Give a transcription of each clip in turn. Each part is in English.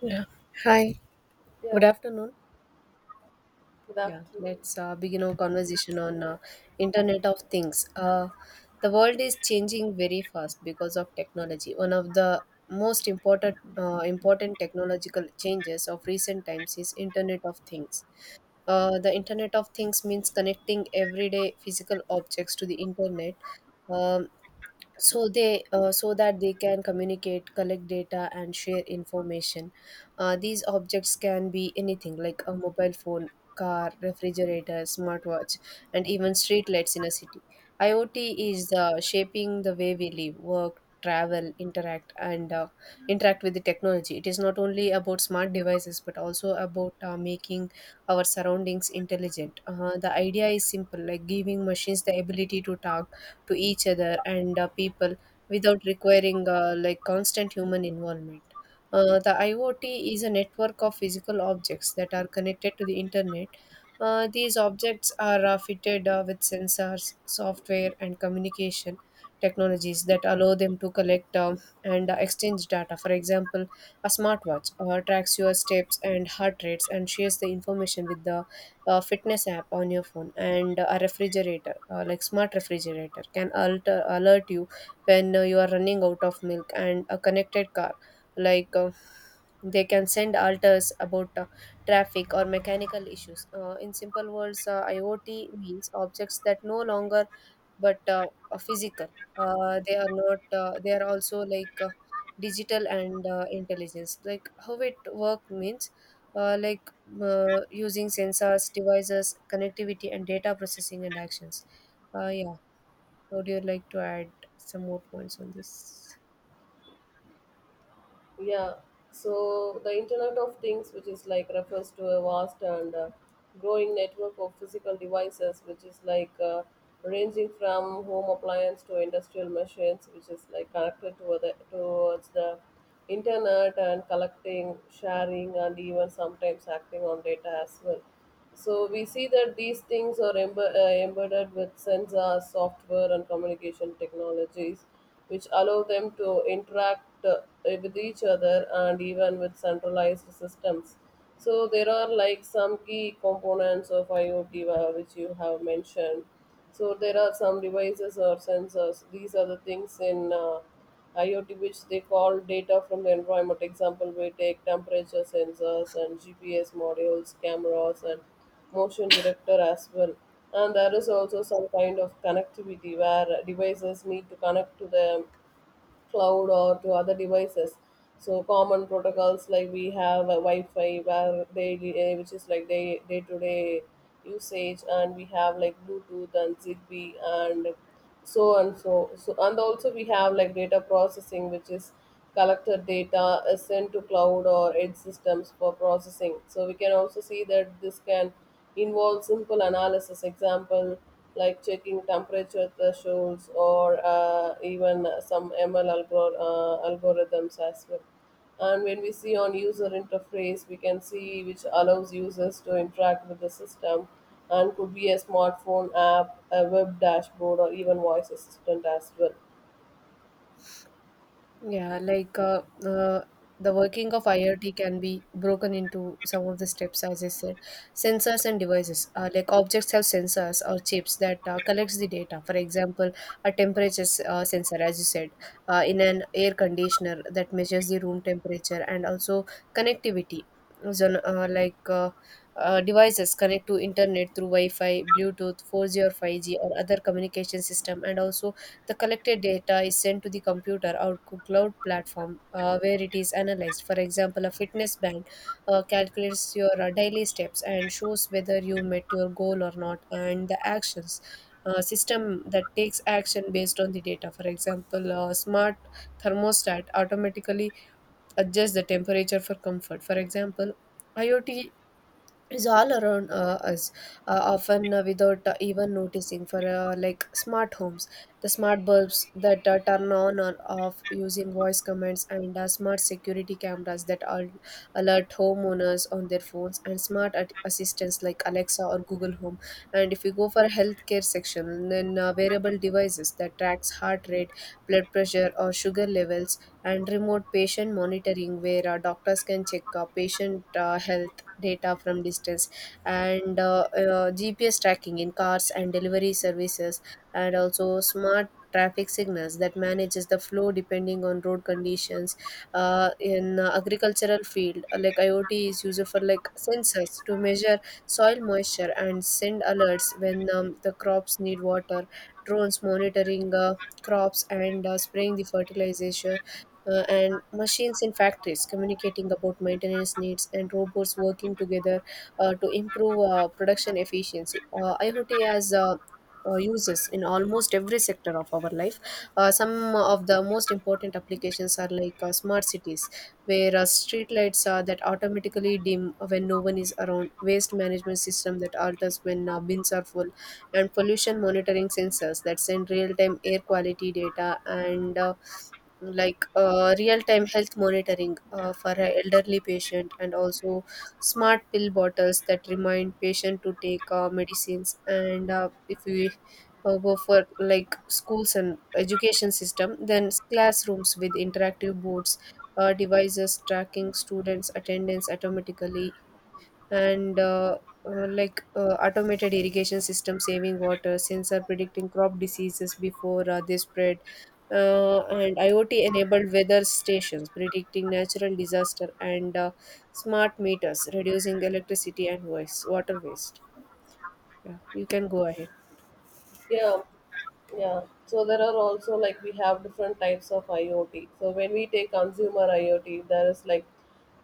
Yeah. Hi, Yeah, good afternoon. good Yeah, afternoon. let's begin our conversation on Internet of Things. The world is changing very fast because of technology. One of the most important technological changes of recent times is Internet of Things. The Internet of Things means connecting everyday physical objects to the Internet. Um, so that they can communicate, collect data, and share information. These objects can be anything like a mobile phone, car, refrigerator, smartwatch, and even street lights in a city. IoT is shaping the way we live, work, travel, interact and interact with the technology. It is not only about smart devices but also about making our surroundings intelligent. The idea is simple, like giving machines the ability to talk to each other and people without requiring like constant human involvement. The IoT is a network of physical objects that are connected to the internet. These objects are fitted with sensors, software, and communication technologies that allow them to collect and exchange data. For example, a smartwatch tracks your steps and heart rates and shares the information with the fitness app on your phone. And a refrigerator, like smart refrigerator, can alter, alert you when you are running out of milk. And a connected car, like, they can send alters about traffic or mechanical issues. In simple words, IoT means objects that no longer but physical. They are not. They are also like digital and intelligence. Like how it work means, like using sensors, devices, connectivity, and data processing and actions. Yeah. Would you like to add some more points on this? Yeah, so the Internet of Things, which is like refers to a vast and growing network of physical devices, which is like ranging from home appliance to industrial machines, which is like connected to the towards the internet and collecting, sharing, and even sometimes acting on data as well. So we see that these things are embedded with sensors, software, and communication technologies, which allow them to interact with each other and even with centralized systems. So there are like some key components of IoT which you have mentioned. So there are some devices or sensors. These are the things in. IoT, which they call data from the environment. Example, we take temperature sensors and GPS modules, cameras, and motion detector as well. And there is also some kind of connectivity where devices need to connect to the cloud or to other devices. So common protocols like we have a Wi-Fi where which is like day to day usage, and we have like Bluetooth and Zigbee and so and so. So and also we have like data processing, which is collected data is sent to cloud or edge systems for processing. So we can also see that this can involves simple analysis, example like checking temperature thresholds or even some ML algorithms as well. And when we see on user interface, we can see which allows users to interact with the system and could be a smartphone app, a web dashboard, or even voice assistant as well. Yeah, like, the working of IoT can be broken into some of the steps, as I said. Sensors and devices, like objects have sensors or chips that collects the data. For example, a temperature sensor, as you said, in an air conditioner that measures the room temperature, and also connectivity. So, like devices connect to internet through Wi-Fi, Bluetooth, 4G or 5G, or other communication system. And also the collected data is sent to the computer or cloud platform where it is analyzed. For example, a fitness band calculates your daily steps and shows whether you met your goal or not, and the actions. System that takes action based on the data. For example, a smart thermostat automatically adjust the temperature for comfort. For example, IoT is all around us, often without even noticing. For like smart homes, the smart bulbs that turn on or off using voice commands, and smart security cameras that alert homeowners on their phones, and smart assistants like Alexa or Google Home. And if you go for healthcare section, then wearable devices that tracks heart rate, blood pressure, or sugar levels, and remote patient monitoring where doctors can check patient health data from distance, and GPS tracking in cars and delivery services, and also smart traffic signals that manages the flow depending on road conditions. In agricultural field, like IoT is used for like sensors to measure soil moisture and send alerts when the crops need water, drones monitoring crops and spraying the fertilizers, and machines in factories communicating about maintenance needs, and robots working together to improve production efficiency. IoT has uses in almost every sector of our life. Some of the most important applications are like smart cities, where street lights that automatically dim when no one is around, waste management system that alters when bins are full, and pollution monitoring sensors that send real-time air quality data, and like real-time health monitoring for an elderly patient, and also smart pill bottles that remind patient to take medicines. And if we go for like schools and education system, then classrooms with interactive boards, devices tracking students attendance automatically, and like automated irrigation system saving water, sensor predicting crop diseases before they spread, and IoT enabled weather stations predicting natural disaster, and smart meters reducing electricity and waste, water waste. Yeah, you can go ahead. Yeah, yeah. So there are also like we have different types of IoT. So when we take consumer IoT, there is like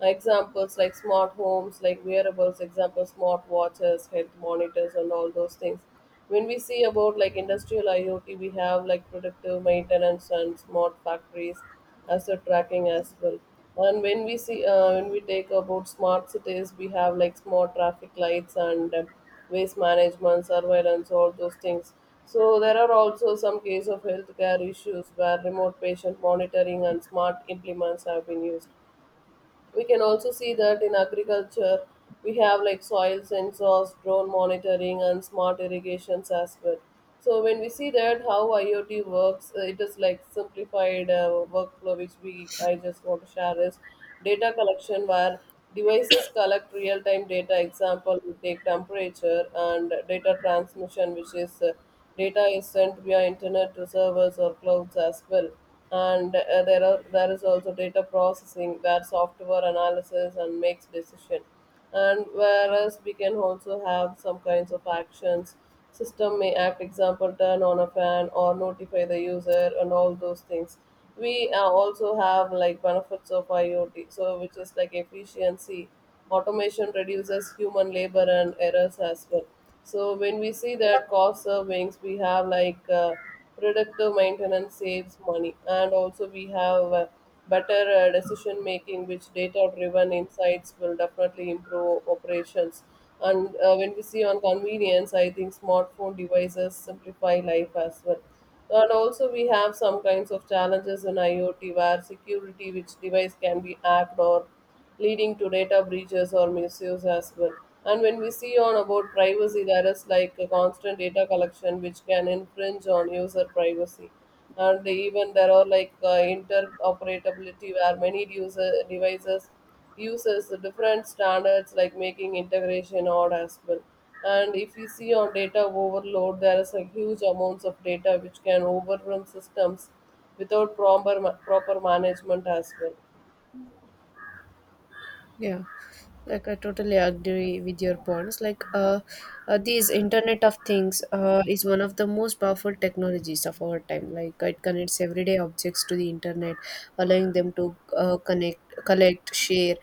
examples like smart homes, like wearables, example smart watches, health monitors, and all those things. When we see about like industrial IoT, we have like predictive maintenance and smart factories, asset tracking as well. And when we see when we take about smart cities, we have like smart traffic lights and waste management, surveillance, all those things. So there are also some cases of healthcare issues where remote patient monitoring and smart implements have been used. We can also see that in agriculture, we have like soil sensors, drone monitoring, and smart irrigations as well. So when we see that how IoT works, it is like simplified workflow which we I just want to share is data collection where devices collect real-time data. Example, we take temperature and data transmission, which is data is sent via internet to servers or clouds as well. And there is also data processing where software analysis and makes decision, and whereas we can also have some kinds of actions. System may act, example turn on a fan or notify the user and all those things. We also have like benefits of IoT, so which is like efficiency automation reduces human labor and errors as well. So when we see that cost savings, we have like predictive maintenance saves money, and also we have better decision making, which data driven insights will definitely improve operations. And when we see on convenience, I think smartphone devices simplify life as well. And also, we have some kinds of challenges in IoT where security, which device can be hacked or leading to data breaches or misuse as well. And when we see on about privacy, there is like a constant data collection which can infringe on user privacy. And even there are like interoperability where many user devices uses the different standards like making integration odd as well. And if we see on data overload, there is a huge amounts of data which can overrun systems without proper management as well. Yeah, like I totally agree with your points. Like, these Internet of Things is one of the most powerful technologies of our time. Like, it connects everyday objects to the internet, allowing them to connect, collect, share,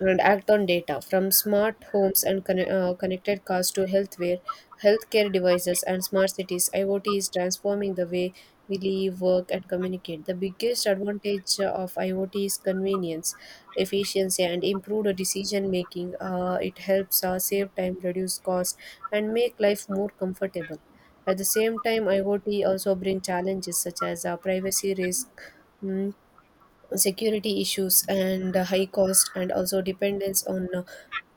and act on data from smart homes and connected cars to healthcare devices, and smart cities. IoT is transforming the way we live, work, and communicate. The biggest advantage of IoT is convenience, efficiency, and improved decision making. It helps save time, reduce cost, and make life more comfortable. At the same time, IoT also bring challenges such as privacy risk, mm, security issues, and high cost, and also dependence on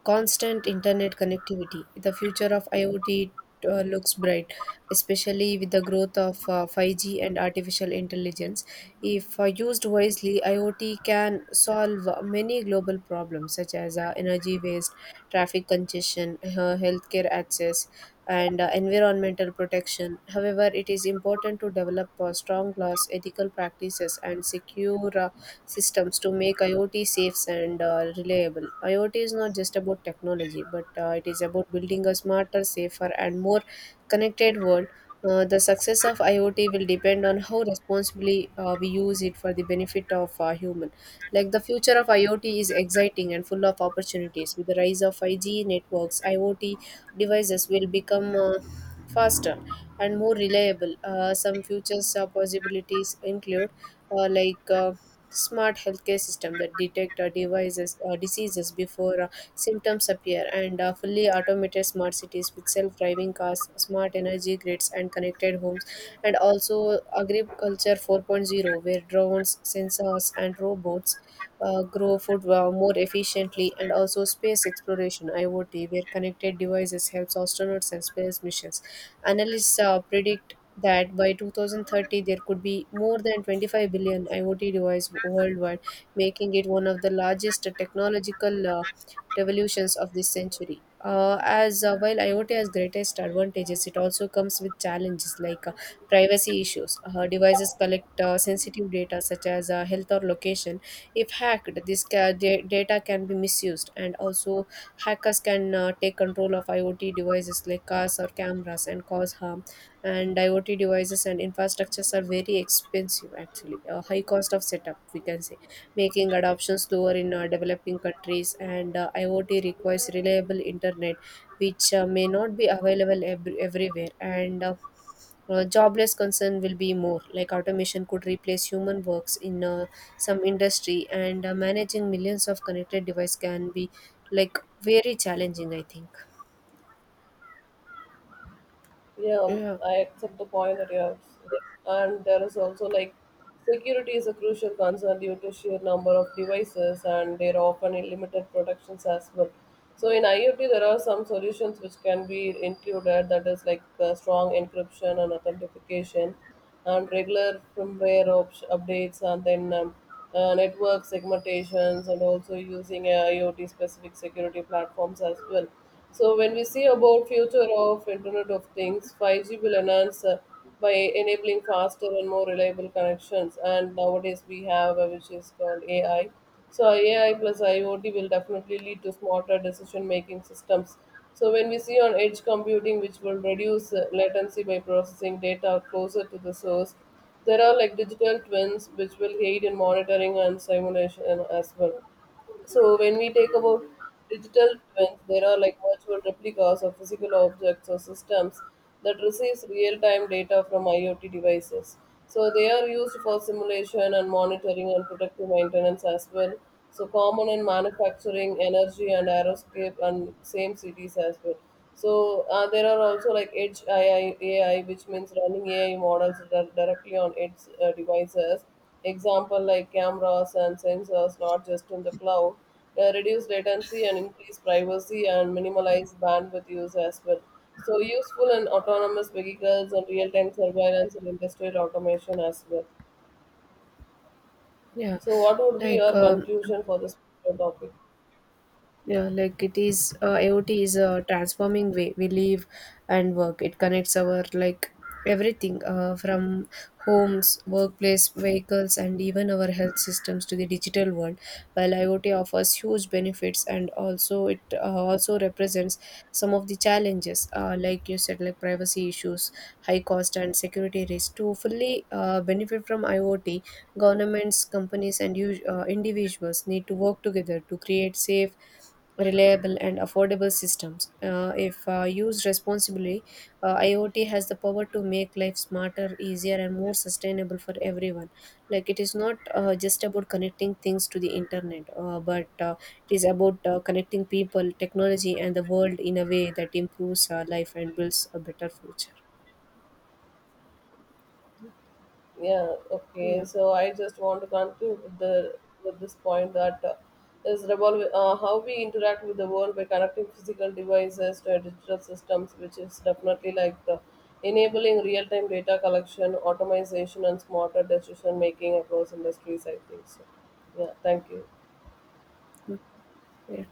constant internet connectivity. The future of IoT looks bright, especially with the growth of 5G and artificial intelligence. If used wisely, IoT can solve many global problems such as energy waste, traffic congestion, healthcare access, and environmental protection. However, it is important to develop strong laws, ethical practices, and secure systems to make IoT safe and reliable. IoT is not just about technology, but it is about building a smarter, safer, and more connected world. The success of IoT will depend on how responsibly we use it for the benefit of human. Like the future of IoT is exciting and full of opportunities. With the rise of 5G networks, IoT devices will become faster and more reliable. Some future possibilities include like smart healthcare system that detect devices diseases before symptoms appear, and fully automated smart cities with self-driving cars, smart energy grids, and connected homes, and also agriculture four point zero, where drones, sensors, and robots grow food more efficiently, and also space exploration IoT where connected devices helps astronauts and space missions. Analysts predict that by 2030 there could be more than 25 billion IoT devices worldwide, making it one of the largest technological revolutions of this century. As while IoT has greatest advantages, it also comes with challenges like privacy issues. Devices collect sensitive data such as health or location. If hacked, this data can be misused, and also hackers can take control of IoT devices like cars or cameras and cause harm. And IoT devices and infrastructures are very expensive, actually, a high cost of setup, we can say, making adoption slower in developing countries. And IoT requires reliable internet, which may not be available everywhere. And jobless concern will be more, like automation could replace human works in some industry, and managing millions of connected device can be like very challenging, I think. Yeah, Yeah, I accept the point that you have, said. And there is also like security is a crucial concern due to sheer number of devices and there are often limited protections as well. So in IoT, there are some solutions which can be included that is like strong encryption and authentication and regular updates and then network segmentations and also using IoT specific security platforms as well. So when we see about future of Internet of Things, 5G will enhance by enabling faster and more reliable connections. And nowadays we have which is called AI. So AI plus IoT will definitely lead to smarter decision making systems. So when we see on edge computing, which will reduce latency by processing data closer to the source, there are like digital twins which will aid in monitoring and simulation as well. So when we take about digital twins, there are like virtual replicas of physical objects or systems that receives real-time data from IoT devices. So they are used for simulation and monitoring and protective maintenance as well. So common in manufacturing, energy and aeroscape and same cities as well. So there are also like AI, which means running AI models directly on edge devices. Example like cameras and sensors, not just in the cloud, reduce latency and increase privacy and minimize bandwidth use as well. So useful in autonomous vehicles and real-time surveillance and industrial automation as well. yeah, So what would be like your um, conclusion for this particular topic? yeah, like it is, IoT is a transforming way we live and work. It connects our like everything from homes, workplace, vehicles, and even our health systems to the digital world. While IoT offers huge benefits, and also it also represents some of the challenges, like you said, like privacy issues, high cost, and security risk. To fully benefit from IoT, governments, companies, and individuals need to work together to create safe, reliable, and affordable systems. If used responsibly, IoT has the power to make life smarter, easier, and more sustainable for everyone. Like it is not just about connecting things to the internet, but it is about connecting people, technology, and the world in a way that improves our life and builds a better future. Yeah, okay. Yeah. So I just want to conclude with the with this point that is revolve how we interact with the world by connecting physical devices to digital systems, which is definitely like the enabling real-time data collection, automation, and smarter decision making across industries. I think so. Yeah, thank you. Mm. Yeah.